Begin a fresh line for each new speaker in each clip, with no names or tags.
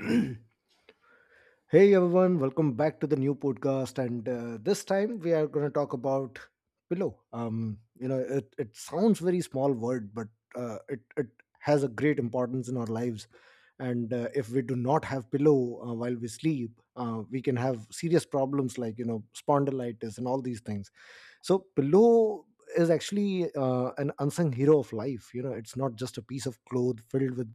Hey everyone, welcome back to the new podcast. And this time we are going to talk about pillow. You know, it sounds very small word, but it has a great importance in our lives. And if we do not have pillow while we sleep, we can have serious problems like, you know, spondylitis and all these things. So pillow is actually an unsung hero of life. You know, it's not just a piece of cloth filled with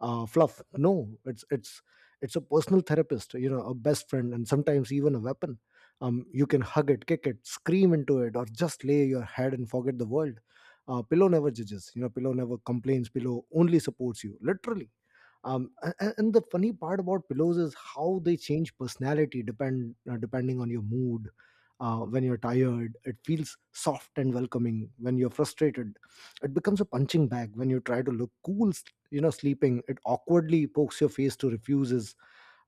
fluff. No, it's it's a personal therapist, you know, a best friend, and sometimes even a weapon. You can hug it, kick it, scream into it, or just lay your head and forget the world. Pillow never judges, you know. Pillow never complains. Pillow only supports you, literally. And the funny part about pillows is how they change personality depending on your mood. When you're tired, it feels soft and welcoming. When you're frustrated, it becomes a punching bag. When you try to look cool, you know, sleeping, it awkwardly pokes your face, to refuses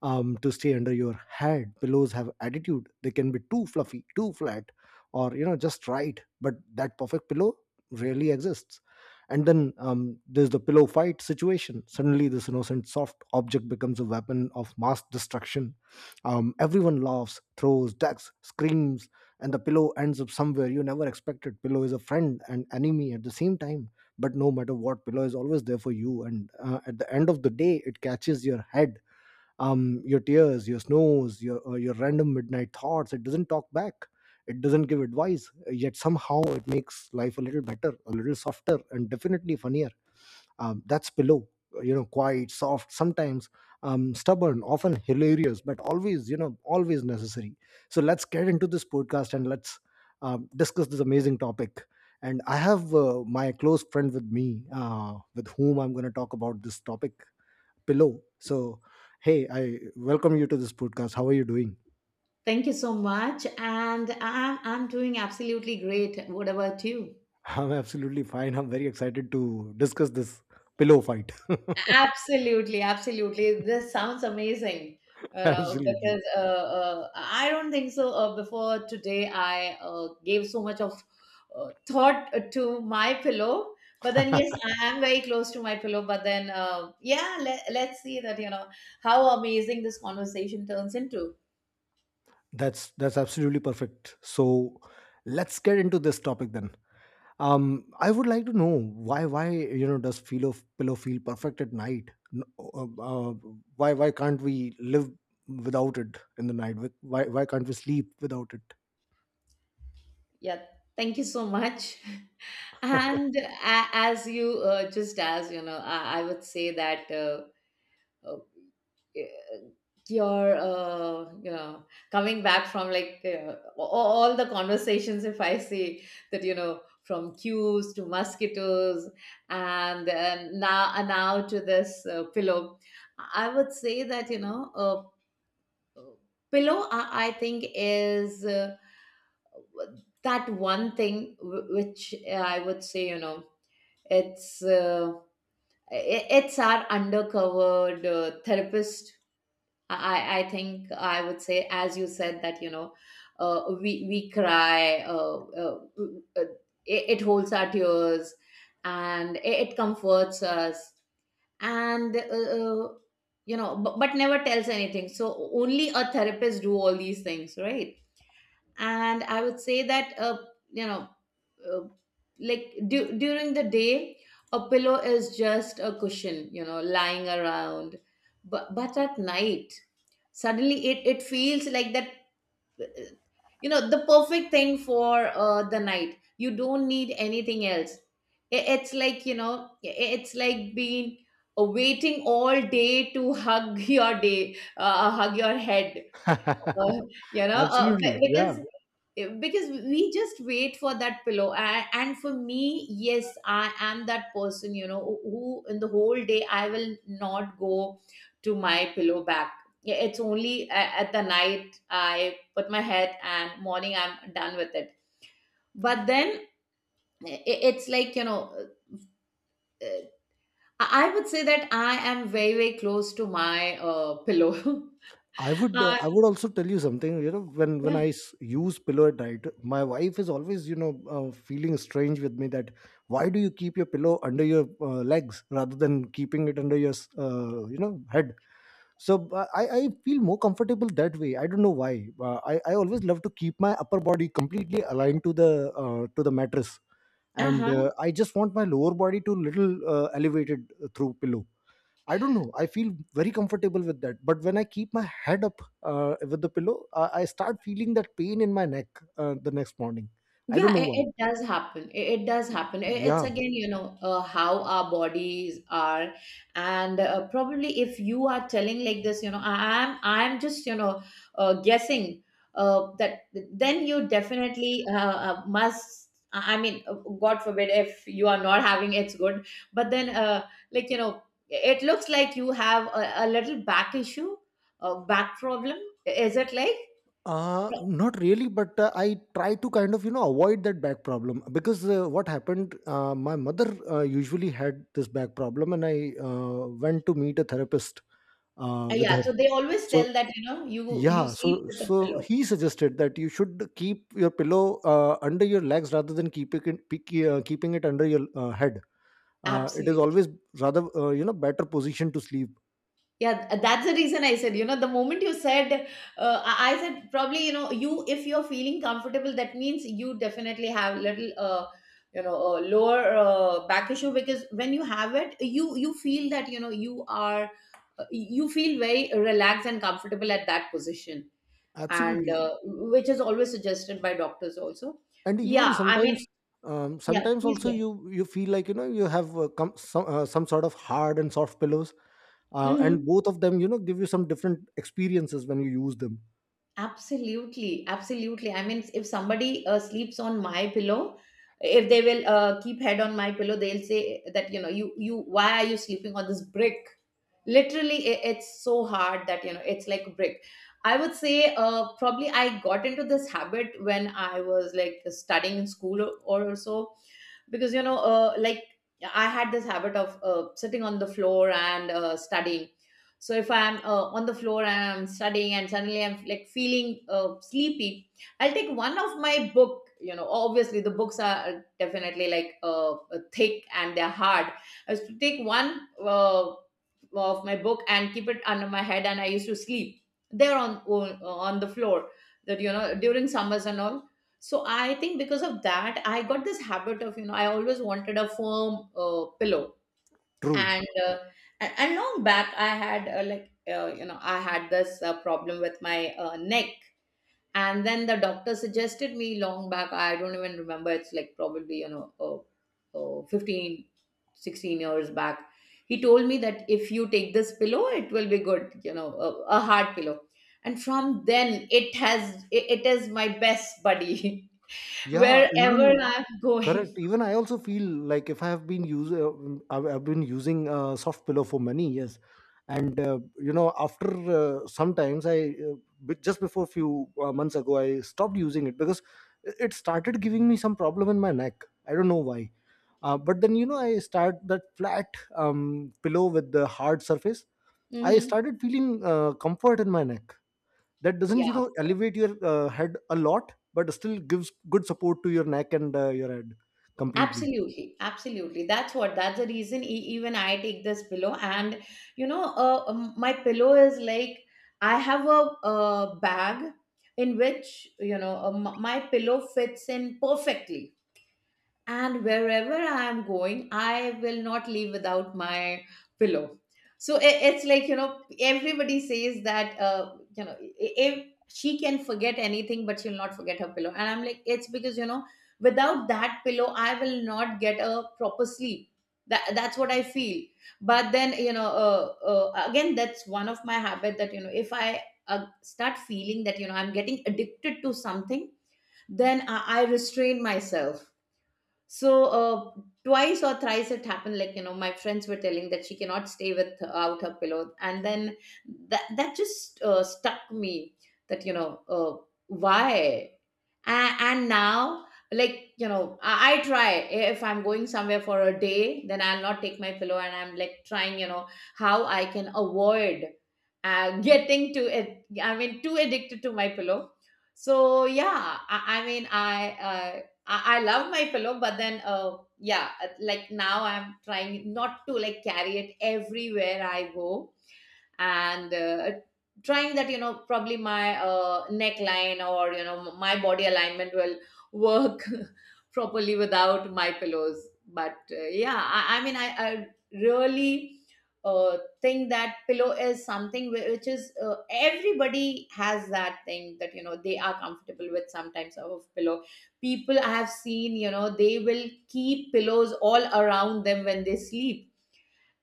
to stay under your head. Pillows have attitude. They can be too fluffy, too flat, or, you know, just right, but that perfect pillow rarely exists. And then there's the pillow fight situation. Suddenly this innocent soft object becomes a weapon of mass destruction. Everyone laughs, throws, ducks, screams, and the pillow ends up somewhere you never expected. Pillow is a friend and enemy at the same time, but no matter what, pillow is always there for you, and at the end of the day it catches your head, your tears, your snores, your random midnight thoughts. It doesn't talk back. It doesn't give advice. Yet somehow it makes life a little better, a little softer, and definitely funnier. That's pillow. You know, quiet, soft, sometimes stubborn, often hilarious, but always, you know, always necessary. So let's get into this podcast, and let's discuss this amazing topic. And I have my close friend with me, with whom I'm going to talk about this topic, pillow. So, hey, I welcome you to this podcast. How are you doing?
Thank you so much. And I'm doing absolutely great. What about you?
I'm absolutely fine. I'm very excited to discuss this pillow fight.
Absolutely, absolutely. This sounds amazing.
Absolutely.
Because I don't think so. Before today, I gave so much of thought to my pillow. But then, yes, I am very close to my pillow. But then, yeah, let's see that, you know, how amazing this conversation turns into.
That's absolutely perfect. So, let's get into this topic then. I would like to know why, you know, does feel of pillow feel perfect at night? Why can't we live without it in the night? Why can't we sleep without it?
Yeah, thank you so much. As you just as you know, I would say that uh, your you know coming back from like all the conversations. If I see that you know from cues to mosquitoes and now and now to this pillow, I would say that uh, pillow. I think is that one thing which I would say you know it's. It's our undercovered therapist. I think I would say as you said that you know we cry uh, it holds our tears, and it comforts us, and uh, you know, but never tells anything, so only a therapist do all these things, right? And I would say that you know uh, like during the day, a pillow is just a cushion, you know, lying around, but at night, suddenly it feels like that uh, you know, the perfect thing for the night. You don't need anything else. It's like you know, it's like being waiting all day to hug your day, hug your head. Uh, you know,
Absolutely, yeah.
because we just wait for that pillow, and for me, yes, I am that person, you know, who in the whole day I will not go to my pillow back. Yeah, it's only at the night I put my head, and morning I'm done with it. But then i- it's like you know, uh, I would say that I am very very close to my pillow.
I would uh,
uh,
I would also tell you something. You know, when when
yeah
I s- use pillow at night, my wife is always, you know, feeling strange with me that why do you keep your pillow under your legs rather than keeping it under your you know, head. So I feel more comfortable that way. I don't know why. I always love to keep my upper body completely aligned to the mattress, and
uh-huh.
I just want my lower body to little elevated through pillow. I don't know. I feel very comfortable with that. But when I keep my head up with the pillow, I start feeling that pain in my neck the next morning. I don't
Yeah,
know
it,
why.
it does happen. It does happen. It's
Yeah.
again, you know, how our bodies are, and probably if you are telling like this, you know, I'm I'm just you know guessing that then you definitely must. I mean, God forbid if you are not having, it's good, but then like you know, it looks like you have a little back issue, a back problem. Is it like?
Not really, but I try to kind of, you know, avoid that back problem because what happened, my mother usually had this back problem, and I went to meet a therapist with
Yeah,
her.
so they always
So
tell that, you know, you
yeah,
you
so
sleep with a
so
pillow.
he suggested that you should keep your pillow under your legs rather than keeping it under your head. It is
Absolutely.
always rather you know, better position to sleep.
Yeah, that's the reason I said, you know, the moment you said, I said probably, you know, you if you're feeling comfortable, that means you definitely have little, you know, lower back issue, because when you have it, you feel that, you know, you are, you feel very relaxed and comfortable at that position, and
Absolutely,
which is always suggested by doctors also.
and even
Yeah, I mean,
sometimes
yeah,
sometimes
please
also you feel like, you know, you have some sort of hard and soft pillows, and
go.
both of them, you know, give you some different experiences when you use them.
Absolutely, absolutely. I mean, if somebody sleeps on my pillow, if they will keep head on my pillow, they'll say that you know, you why are you sleeping on this brick? Literally, I it's so hard that you know, it's like a brick. I would say probably I got into this habit when I was like studying in school, or so, because you know like I had this habit of sitting on the floor and studying. So if I'm on the floor and I'm studying and suddenly I'm like feeling sleepy, I'll take one of my book, you know, obviously the books are definitely like thick, and they're hard. I used to take one uh, of my book and keep it under my head, and I used to sleep there on the floor. That you know, during summers and all, so I think because of that, I got this habit of, you know, I always wanted a firm pillow.
True.
And, and long back, I had you know, I had this problem with my neck. And then the doctor suggested me long back, I don't even remember, it's like probably, you know, 15, 16 years back. He told me that if you take this pillow, it will be good, you know, a hard pillow. And from then, it has, it is my best buddy.
Yeah,
Wherever
even
I'm
correct.
going.
Even I also feel like if I have been use, I've been using soft pillow for many years, and you know, after sometimes I just before few months ago, I stopped using it because it started giving me some problem in my neck. I don't know why. But then, you know, I start that flat pillow with the hard surface. I
Hmm.
started feeling comfort in my neck. That doesn't, you
Yeah,
know, elevate your head a lot, but still gives good support to your neck and your head completely.
absolutely, absolutely. That's what. That's the reason. Even I take this pillow, and you know, my pillow is like I have a bag in which you know, my pillow fits in perfectly. And wherever I am going, I will not leave without my pillow. So it's like you know, everybody says that you know, if she can forget anything but she'll not forget her pillow, and I'm like it's because you know, without that pillow I will not get a proper sleep. That that's what I feel, but then you know again, that's one of my habit that you know, if I start feeling that you know, I'm getting addicted to something, then I restrain myself. So twice or thrice it happened, like you know, my friends were telling that she cannot stay without her pillow, and then that that just stuck me, that you know why. And now, like you know, I try, if I'm going somewhere for a day then I'll not take my pillow, and I'm like trying you know how I can avoid getting to it, I mean too addicted to my pillow. So yeah I mean I love my pillow, but then, yeah, like now I'm trying not to like carry it everywhere I go. And trying that you know, probably my neckline or you know my body alignment will work properly without my pillows. But yeah I mean i really think that pillow is something which is everybody has that thing that you know they are comfortable with, sometimes of pillow. People I have seen, you know, they will keep pillows all around them when they sleep.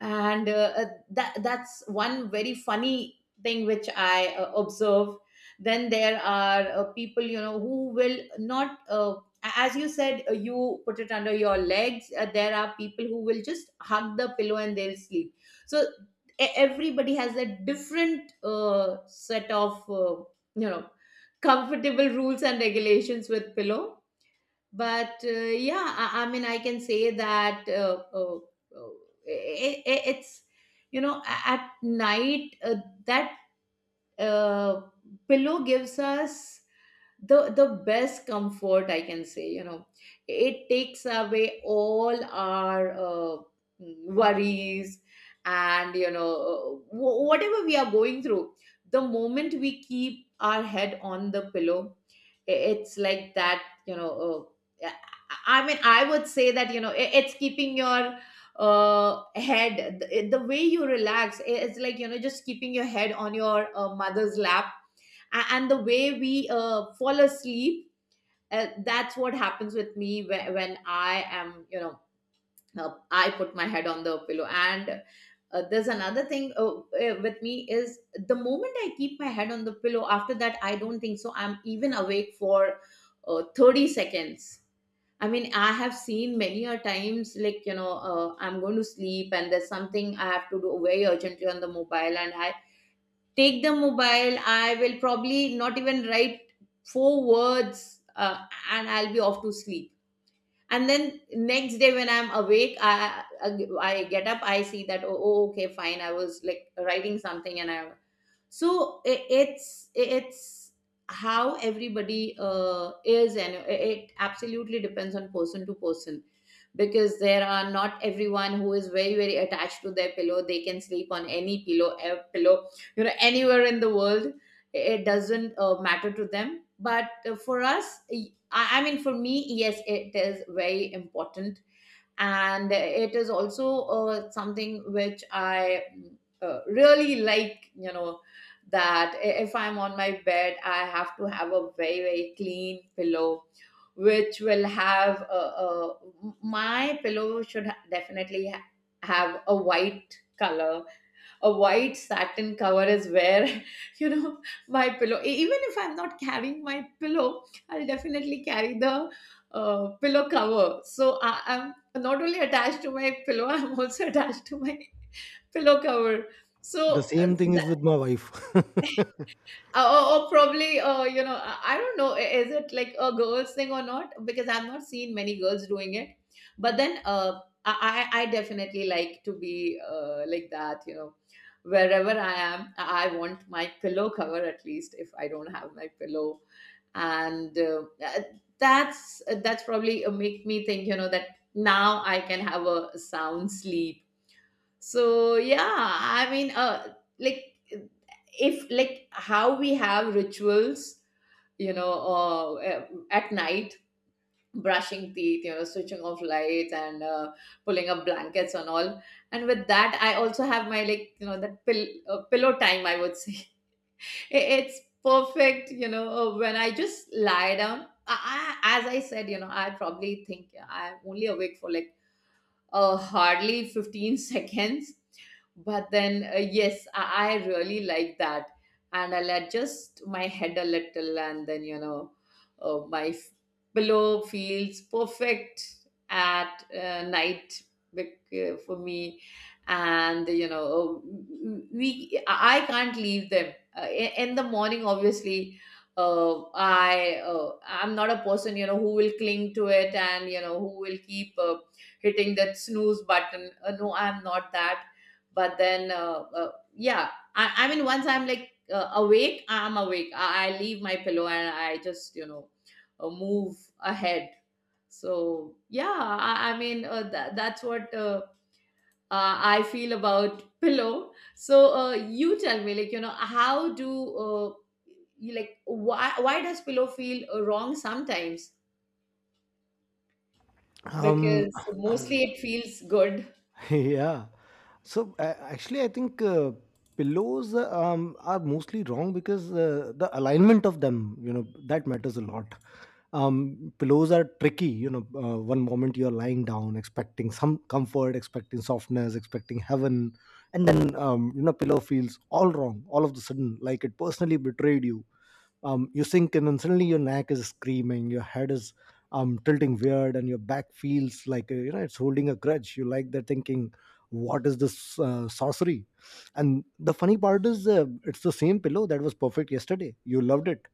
And that that's one very funny thing which I observe. Then there are people you know who will not as you said you put it under your legs. There are people who will just hug the pillow and they'll sleep. So e- everybody has a different set of you know, comfortable rules and regulations with pillow. But yeah I mean I can say that it's you know at night that uh, pillow gives us the best comfort I can say, you know. It takes away all our worries, and you know, whatever we are going through. The moment we keep our head on the pillow, it's like that you know, uh, yeah, I mean I would say that you know, it's keeping your head the, way you relax. It's like you know, just keeping your head on your mother's lap. And the way we fall asleep. That's what happens with me when, I am you know I put my head on the pillow. And there's another thing with me is, the moment I keep my head on the pillow, after that, I don't think so I'm even awake for 30 seconds. I mean, I have seen many a times, like, you know, I'm going to sleep and there's something I have to do very urgently on the mobile, and I take the mobile. I will probably not even write four words and I'll be off to sleep. And then next day when I'm awake, I get up, I see that, oh, oh, okay, fine, I was like writing something. And I, so it's how everybody is. And it absolutely depends on person to person, because there are, not everyone who is very very attached to their pillow, they can sleep on any pillow, a pillow, you know, anywhere in the world. It doesn't matter to them. But for us, I mean, for me, yes, it is very important. And it is also something which I really like, you know, that if I'm on my bed, I have to have a very very clean pillow, which will have my pillow should definitely have a white color, a white satin cover is where you know, my pillow. Even if I'm not carrying my pillow, I'll definitely carry the pillow cover. So I'm not only attached to my pillow, I'm also attached to my pillow cover.
The
So
same thing is with my wife.
or probably, you know, I don't know, is it like a girls thing or not, because I've not seen many girls doing it. But then I definitely like to be like that, you know. Wherever I am, I want my pillow cover, at least if I don't have my pillow. And that's that's probably make me think, you know, that now I can have a sound sleep. So yeah, I mean, like, if like how we have rituals, you know, at night, brushing teeth, you know, switching off lights, and pulling up blankets and all. And with that, I also have my, like, you know, that pillow time, I would say. It's perfect. You know, when I just lie down, I, as I said, you know, I probably think, yeah, I'm only awake for like hardly 15 seconds. But then yes, I really like that. And I'll adjust my head a little, and then, you know, uh, my f- pillow feels perfect at night, for me. And you know, we I can't leave them in the morning obviously. Uh, I'm not a person, you know, who will cling to it, and you know, who will keep hitting that snooze button. No, I'm not that. But then, yeah, I mean, once I'm like awake, I'm awake. I leave my pillow and I just, you know, move ahead. So, yeah, I mean, that's what I feel about pillow. So, you tell me, like, you know, how do you, like, why does pillow feel wrong sometimes?
um,
Because mostly it feels good.
yeah. So actually, I think pillows are mostly wrong because the alignment of them, you know, that matters a lot. Pillows are tricky. You know, one moment you're lying down, expecting some comfort, expecting softness, expecting heaven, and then you know, pillow feels all wrong all of the sudden, like it personally betrayed you. You sink in and suddenly your neck is screaming, your head is tilting weird, and your back feels like, you know, it's holding a grudge. You like that, thinking, what is this sorcery? And the funny part is, it's the same pillow that was perfect yesterday. You loved it,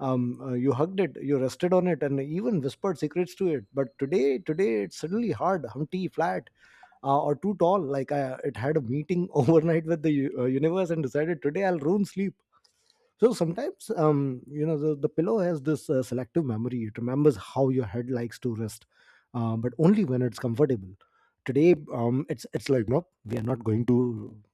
you hugged it, you rested on it, and even whispered secrets to it. But today, today it's suddenly hard, humpty, flat, or too tall, like I, it had a meeting overnight with the universe and decided today I'll ruin sleep. So sometimes, you know, the pillow has this selective memory. It remembers how your head likes to rest, but only when it's comfortable. Today it's like, nope, we are not going to,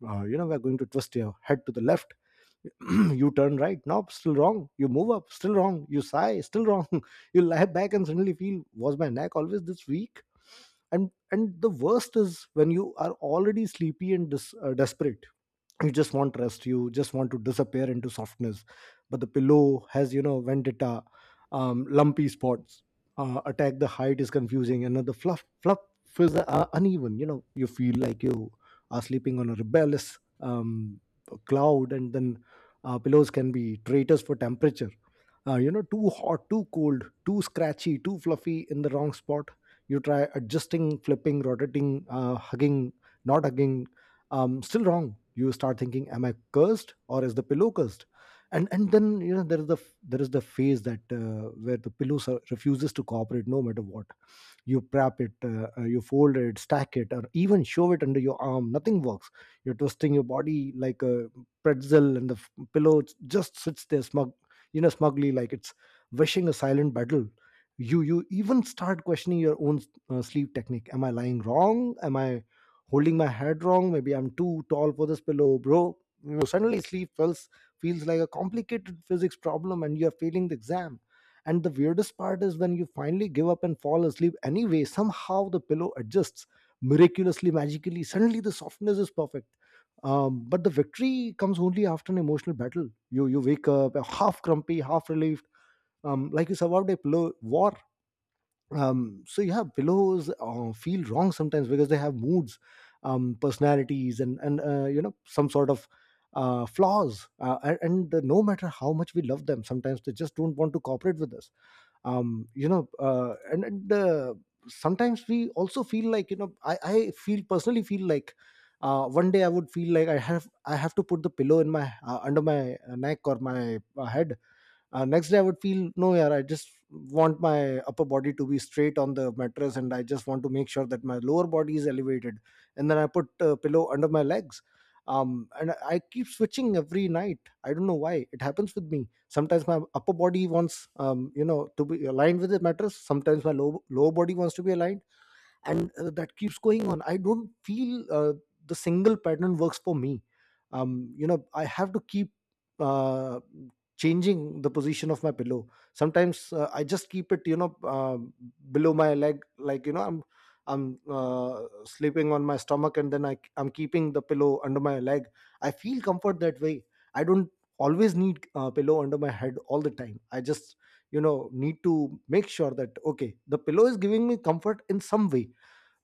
you know, we're going to twist your head to the left. You turn right, nope, still wrong. You move up, still wrong. You sigh, still wrong. You lie back and suddenly feel, was my neck always this weak? And the worst is when you are already sleepy and desperate. You just want rest, you just want to disappear into softness, but the pillow has, you know, vendetta. Lumpy spots attack, the height is confusing, and the fluff is uneven. You know, you feel like you are sleeping on a rebellious cloud. And then pillows can be traitors for temperature. You know, too hot, too cold, too scratchy, too fluffy in the wrong spot. You try adjusting, flipping, rotating, hugging, not hugging, still wrong. You start thinking, am I cursed, or is the pillow cursed? And then, you know, there is the phase that where the pillow refuses to cooperate no matter what. You prep it, you fold it, stack it, or even shove it under your arm. Nothing works. You're twisting your body like a pretzel, and the pillow just sits there smug, you know, smugly, like it's wishing a silent battle. You even start questioning your own sleep technique. Am I lying wrong? Am I holding my head wrong? Maybe I'm too tall for this pillow, bro. You know, suddenly sleep feels like a complicated physics problem and you're failing the exam. And the weirdest part is, when you finally give up and fall asleep anyway, somehow the pillow adjusts, miraculously, magically. Suddenly the softness is perfect. But the victory comes only after an emotional battle. You wake up half grumpy, half relieved, like you survived a pillow war. So yeah, pillows feel wrong sometimes because they have moods, personalities, and you know, some sort of flaws. And no matter how much we love them, sometimes they just don't want to cooperate with us. You know and Sometimes we also feel like I feel personally feel like one day I would feel like I have I have to put the pillow in my under my neck or my head. Next day I would feel no, yeah, I just want my upper body to be straight on the mattress, and I just want to make sure that my lower body is elevated and then I put a pillow under my legs. um and I keep switching every night. I don't know why it happens with me. Sometimes my upper body wants to be aligned with the mattress, sometimes my lower body wants to be aligned, and that keeps going on. I don't feel the single pattern works for me. You know, I have to keep uh, changing the position of my pillow. Sometimes I just keep it, below my leg, like, you know, I'm sleeping on my stomach and then I'm keeping the pillow under my leg. I feel comfort that way. I don't always need a pillow under my head all the time. I just, you know, need to make sure that okay, the pillow is giving me comfort in some way,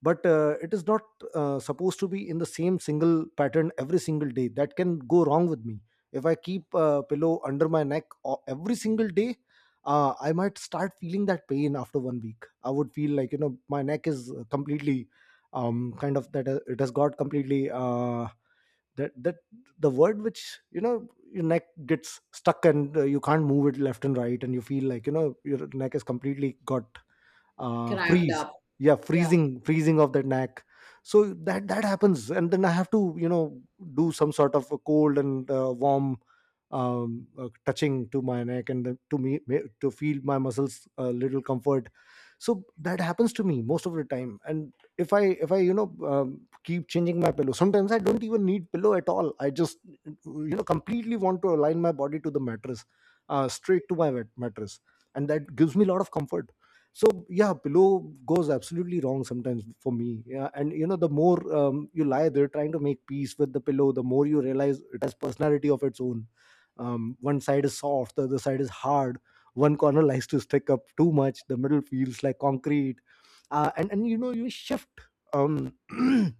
but it is not supposed to be in the same single pattern every single day. That can go wrong with me. If I keep a pillow under my neck every single day, I might start feeling that pain. After 1 week I would feel like, you know, my neck is completely kind of that it has got completely that that the word which, you know, your neck gets stuck and you can't move it left and right and you feel like, you know, your neck is completely got
Crammed
freeze.
up.
Yeah,
Yeah.
freezing, freezing of the neck. So that that happens, and then I have to, you know, do some sort of a cold and warm touching to my neck and then to to feel my muscles a little comfort. So that happens to me most of the time. And if I, you know, keep changing my pillow, sometimes I don't even need pillow at all. I just, you know, completely want to align my body to the mattress, straight to my wet mattress, and that gives me a lot of comfort. So yeah, pillow goes absolutely wrong sometimes for me. Yeah, and you know, the more you lie there trying to make peace with the pillow, the more you realize it has personality of its own. One side is soft, the other side is hard. One corner likes to stick up too much, the middle feels like concrete. And you know, you shift, um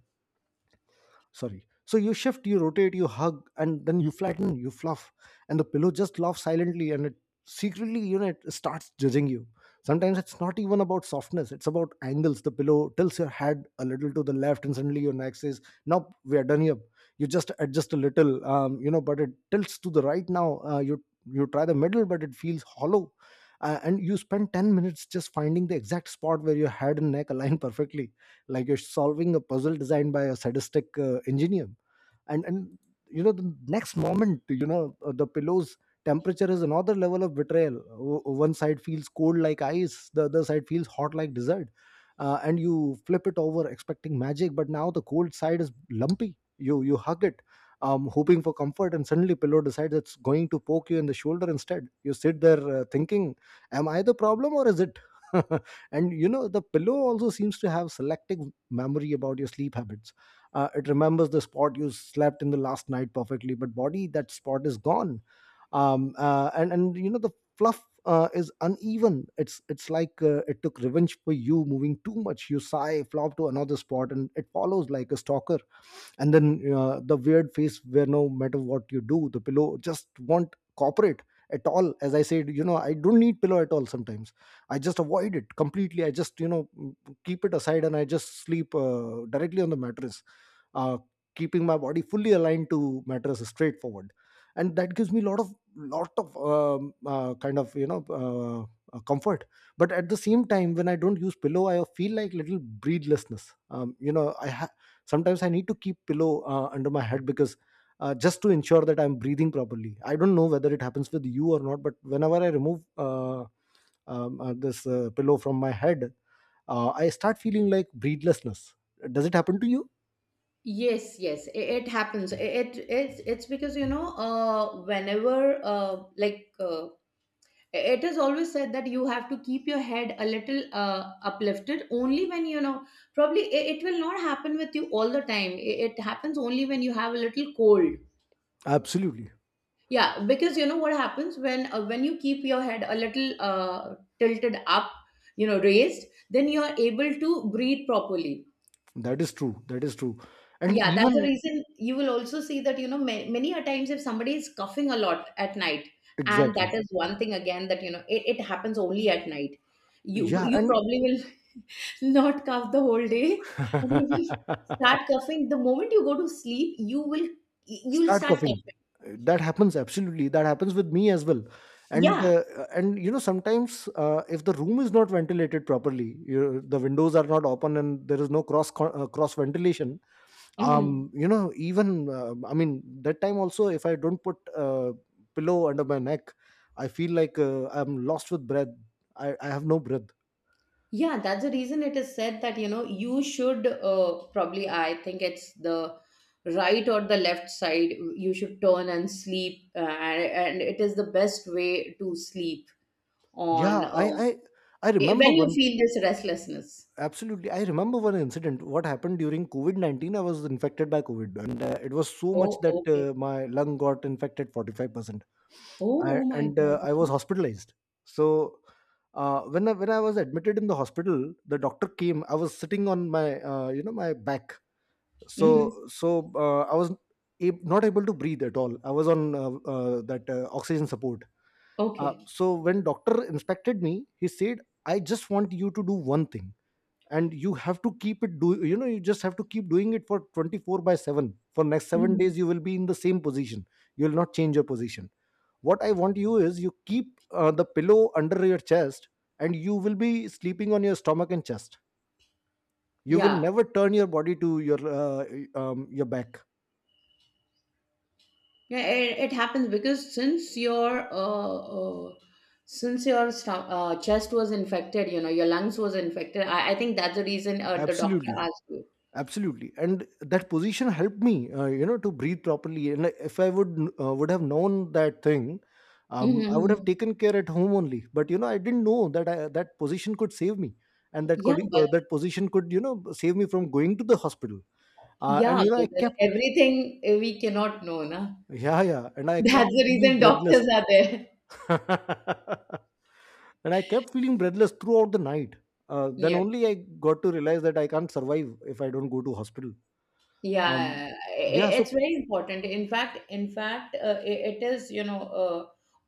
sorry, so you shift, you rotate, you hug, and then you flatten, you fluff, and the pillow just laughs silently, and it secretly, you know, it starts judging you. Sometimes it's not even about softness, it's about angles. The pillow tilts your head a little to the left and suddenly your neck says nope, we are done here. You just adjust a little, you know, but it tilts to the right now. You you try the middle but it feels hollow. And you spend 10 minutes just finding the exact spot where your head and neck align perfectly, like you're solving a puzzle designed by a sadistic engineer. And you know, the next moment, you know, the pillow's temperature is another level of betrayal. One side feels cold like ice, the other side feels hot like dessert. And you flip it over expecting magic, but now the cold side is lumpy. You hug it, hoping for comfort, and suddenly pillow decides it's going to poke you in the shoulder instead. You sit there thinking, am I the problem or is it? And you know, the pillow also seems to have selective memory about your sleep habits. It remembers the spot you slept in the last night perfectly, but body, that spot is gone. And you know, the fluff is uneven. It's like it took revenge for you moving too much. You sigh, flop to another spot, and it follows like a stalker. And then the weird face, where no matter what you do, the pillow just won't cooperate at all. As I said, you know, I don't need pillow at all sometimes. I just avoid it completely. I just, you know, keep it aside and I just sleep directly on the mattress, uh, keeping my body fully aligned to mattress, straightforward, and that gives me a lot of kind of, you know, comfort. But at the same time, when I don't use pillow, I feel like little breathlessness. You know, I, sometimes I need to keep pillow under my head because just to ensure that I'm breathing properly. I don't know whether it happens with you or not, but whenever I remove uh, this pillow from my head, I start feeling like breathlessness. Does it happen to you?
Yes, yes, it happens. It's because, you know, whenever like it is always said that you have to keep your head a little uplifted. Only when, you know, probably it will not happen with you all the time. It happens only when you have a little cold.
Absolutely.
Yeah, because you know what happens, when you keep your head a little tilted up, you know, raised, then you are able to breathe properly.
That is true, that is true. And
Yeah, that's the
even
reason, you will also see that, you know, many a times, if somebody is coughing a lot at night, and
exactly,
that is one thing again that, you know, it happens only at night. You
yeah,
you
and
probably will not cough the whole day, and you will start coughing. The moment you go to sleep, you will, you'll
start
start
coughing.
coughing.
That happens, absolutely, that happens with me as well. and
Yeah.
uh, and you know, sometimes if the room is not ventilated properly, you, the windows are not open and there is no cross ventilation,
Hmm.
you know even I mean, that time also, if I don't put pillow under my neck, I feel like I'm lost with breath. I have no breath.
Yeah, that's the reason it is said that, you know, you should probably, I think it's the right or the left side, you should turn and sleep. And it is the best way to sleep
Yeah,
on
i i i remember
when you
one.
feel this restlessness.
Absolutely. I remember one incident. What happened during COVID 19? I was infected by COVID, and it was so much
Oh,
that
okay.
my lung got infected 45%.
Oh, oh my God.
I was
Okay.
hospitalized. So, when I was admitted in the hospital, the doctor came. I was sitting on my, you know, my back,
Hmm.
I was not able to breathe at all. I was on that oxygen support.
Okay.
So when doctor inspected me, he said, "I just want you to do one thing," and you have to keep it, do you know, you just have to keep doing it for 24 by 7 for next 7
Hmm.
days. You will be in the same position, you will not change your position. What I want you is you keep the pillow under your chest, and you will be sleeping on your stomach and chest. You will
Yeah.
never turn your body to your back.
Yeah, it happens because since your chest was infected, you know, your lungs was infected. I think that's the reason the doctor
Absolutely,
asked you.
absolutely. And that position helped me, you know, to breathe properly. And like, if I would would have known that thing, I would have
Hmm.
taken care at home only, but you know, I didn't know that position could save me, and that
Yeah,
could,
but,
that position could, you know, save me from going to the hospital.
yeah,
And you know, I
but then
kept,
everything we cannot know, na.
yeah, yeah, and I kept
That's the
feeling
reason
breathless.
doctors are there.
And I kept feeling breathless throughout the night. Then
Yeah.
only I got to realize that I can't survive if I don't go to hospital. um,
Yeah,
yeah, so
it's very important. In fact, it is, you know,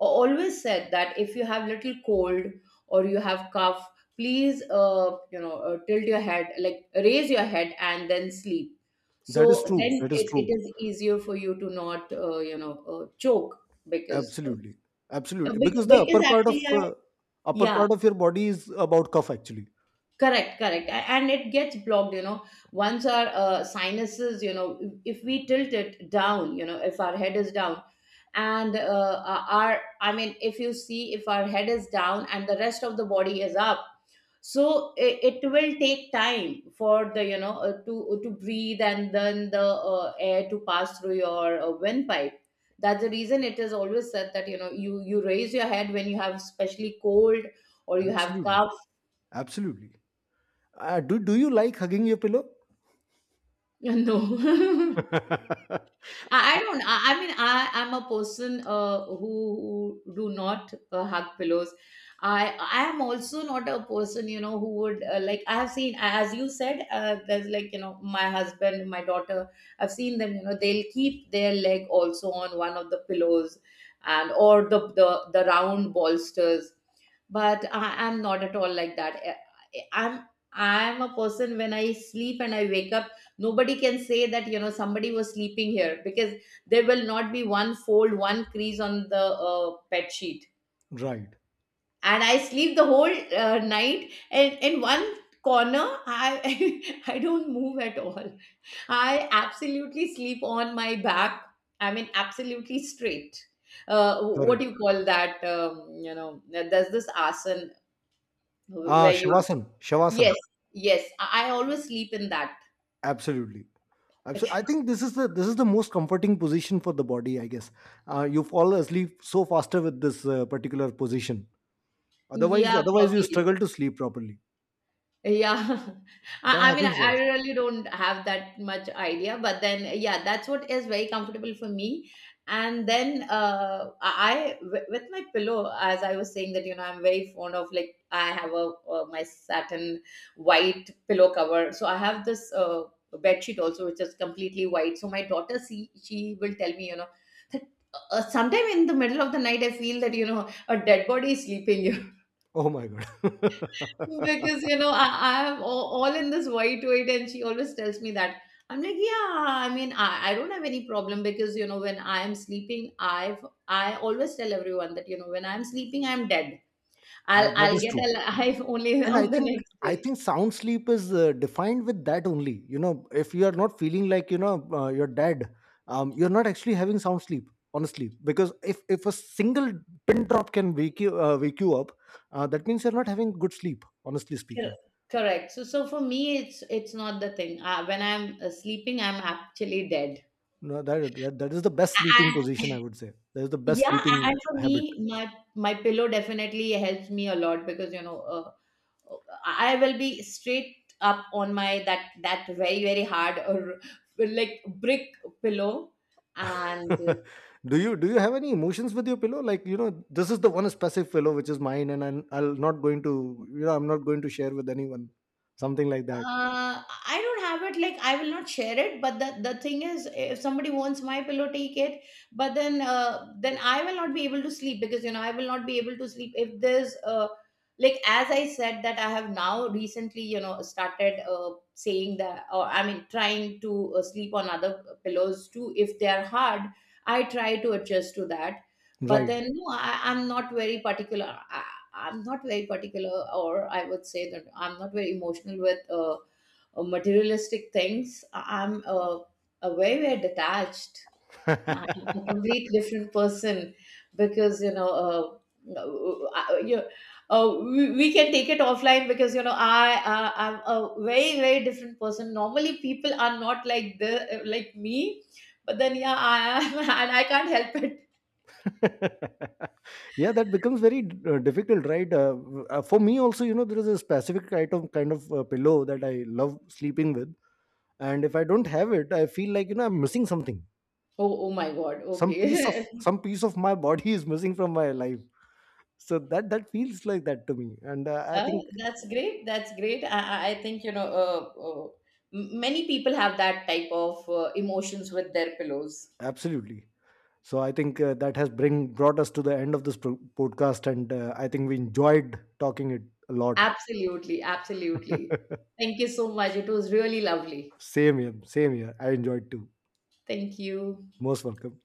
always said that, if you have little cold or you have cough, please, you know, tilt your head, like raise your head and then sleep. So
that is true,
then
that is
it
true.
is easier for you to not, you know, choke because,
Absolutely, absolutely. Because the
because
upper part of,
actually,
upper
yeah,
part of your body is about cuff actually.
correct, correct. And it gets blocked, you know, once our sinuses, you know, if we tilt it down, you know, if our head is down, and our, I mean, if you see if our head is down and the rest of the body is up, so it will take time for the, you know, to breathe, and then the air to pass through your windpipe. That's the reason it is always said that, you know, you raise your head when you have, especially, cold or you have
Absolutely,
cough.
absolutely. Do you like hugging your pillow?
No, I don't. I mean, I am a person who do not hug pillows. I am also not a person, you know, who would like. I have seen, as you said, there's like, you know, my husband, my daughter, I've seen them. You know, they'll keep their leg also on one of the pillows, and or the the round bolsters. But I am not at all like that. Eh, eh, I'm a person, when I sleep and I wake up, nobody can say that, you know, somebody was sleeping here, because there will not be one fold, one crease on the bed sheet.
Right.
And I sleep the whole night, and in one corner, I I don't move at all. I absolutely sleep on my back. I mean, absolutely straight. What
Correct.
do you call that? You know, there's this asan
Ah,
where you,
Shavasana,
yes,
Shavasana.
yes, I always sleep in that.
Absolutely, absolutely. I think this is the most comforting position for the body, I guess. You fall asleep so faster with this particular position.
Yeah,
Otherwise you
probably.
struggle to sleep properly.
Yeah,
That
I mean, I,
happens,
I
actually.
really don't have that much idea, but then, yeah, that's what is very comfortable for me. And then, I with my pillow, as I was saying, that, you know, I'm very fond of, like, I have a, uh, my satin white pillow cover, so I have this bed sheet also, which is completely white. So my daughter, see, she will tell me, you know, that sometime in the middle of the night, I feel that, you know, a dead body is sleeping,
Oh my god.
because, you know, I, I'm all in this white weight, and she always tells me that. I'm like, yeah, I mean, I don't have any problem, because, you know, when I'm sleeping, I've, I always tell everyone that, you know, when I'm sleeping, I'm dead. I'll
That
I'll
is
get
true,
alive only
and I
on the
think
next
I
day.
think sound sleep is defined with that only. You know, if you are not feeling like, you know, you're dead, you're not actually having sound sleep, honestly. Because if a single pin drop can wake you up, that means you're not having good sleep, honestly
Cor-
speaking.
Correct. So, so for me, it's not the thing. When I'm sleeping, I'm actually dead.
No, that is the best sleeping
And
position, I would say. That is the best
yeah,
sleeping
and for
habit.
me, my pillow definitely helps me a lot, because you know, I will be straight up on my that very very hard or like brick pillow and
Do you have any emotions with your pillow, like, you know, this is the one specific pillow which is mine and I'm not going to, you know, I'm not going to share with anyone, something like that?
uh, I don't have it. Like, I will not share it. But the thing is, if somebody wants my pillow, take it. But then I will not be able to sleep, because, you know, I will not be able to sleep if there's like, as I said that I have now recently, you know, started saying that, or I mean trying to sleep on other pillows too if they are hard. I try to adjust to that. But
Right.
then, no, I'm not very particular. I'm not very particular, or I would say that I'm not very emotional with materialistic things. I'm a very, very detached, I'm a complete different person, because, you know, uh, you we can take it offline, because, you know, I I'm a very very different person. Normally people are not like the like me, but then yeah, I am, and I can't help it.
Yeah, that becomes very difficult, right? For me also, you know, there is a specific item kind of pillow that I love sleeping with, and if I don't have it, I feel like, you know, I'm missing something.
Oh, oh my God.
Some piece of
Okay.
some piece of my body is missing from my life. So that that feels like that to me. And I think
Oh, that's great. That's great. I think, you know, many people have that type of emotions with their pillows.
absolutely. So I think that has bring brought us to the end of this podcast, and I think we enjoyed talking it a lot.
Absolutely. Absolutely. Thank you so much. It was really lovely.
Same here, same here. I enjoyed too.
Thank you.
Most welcome.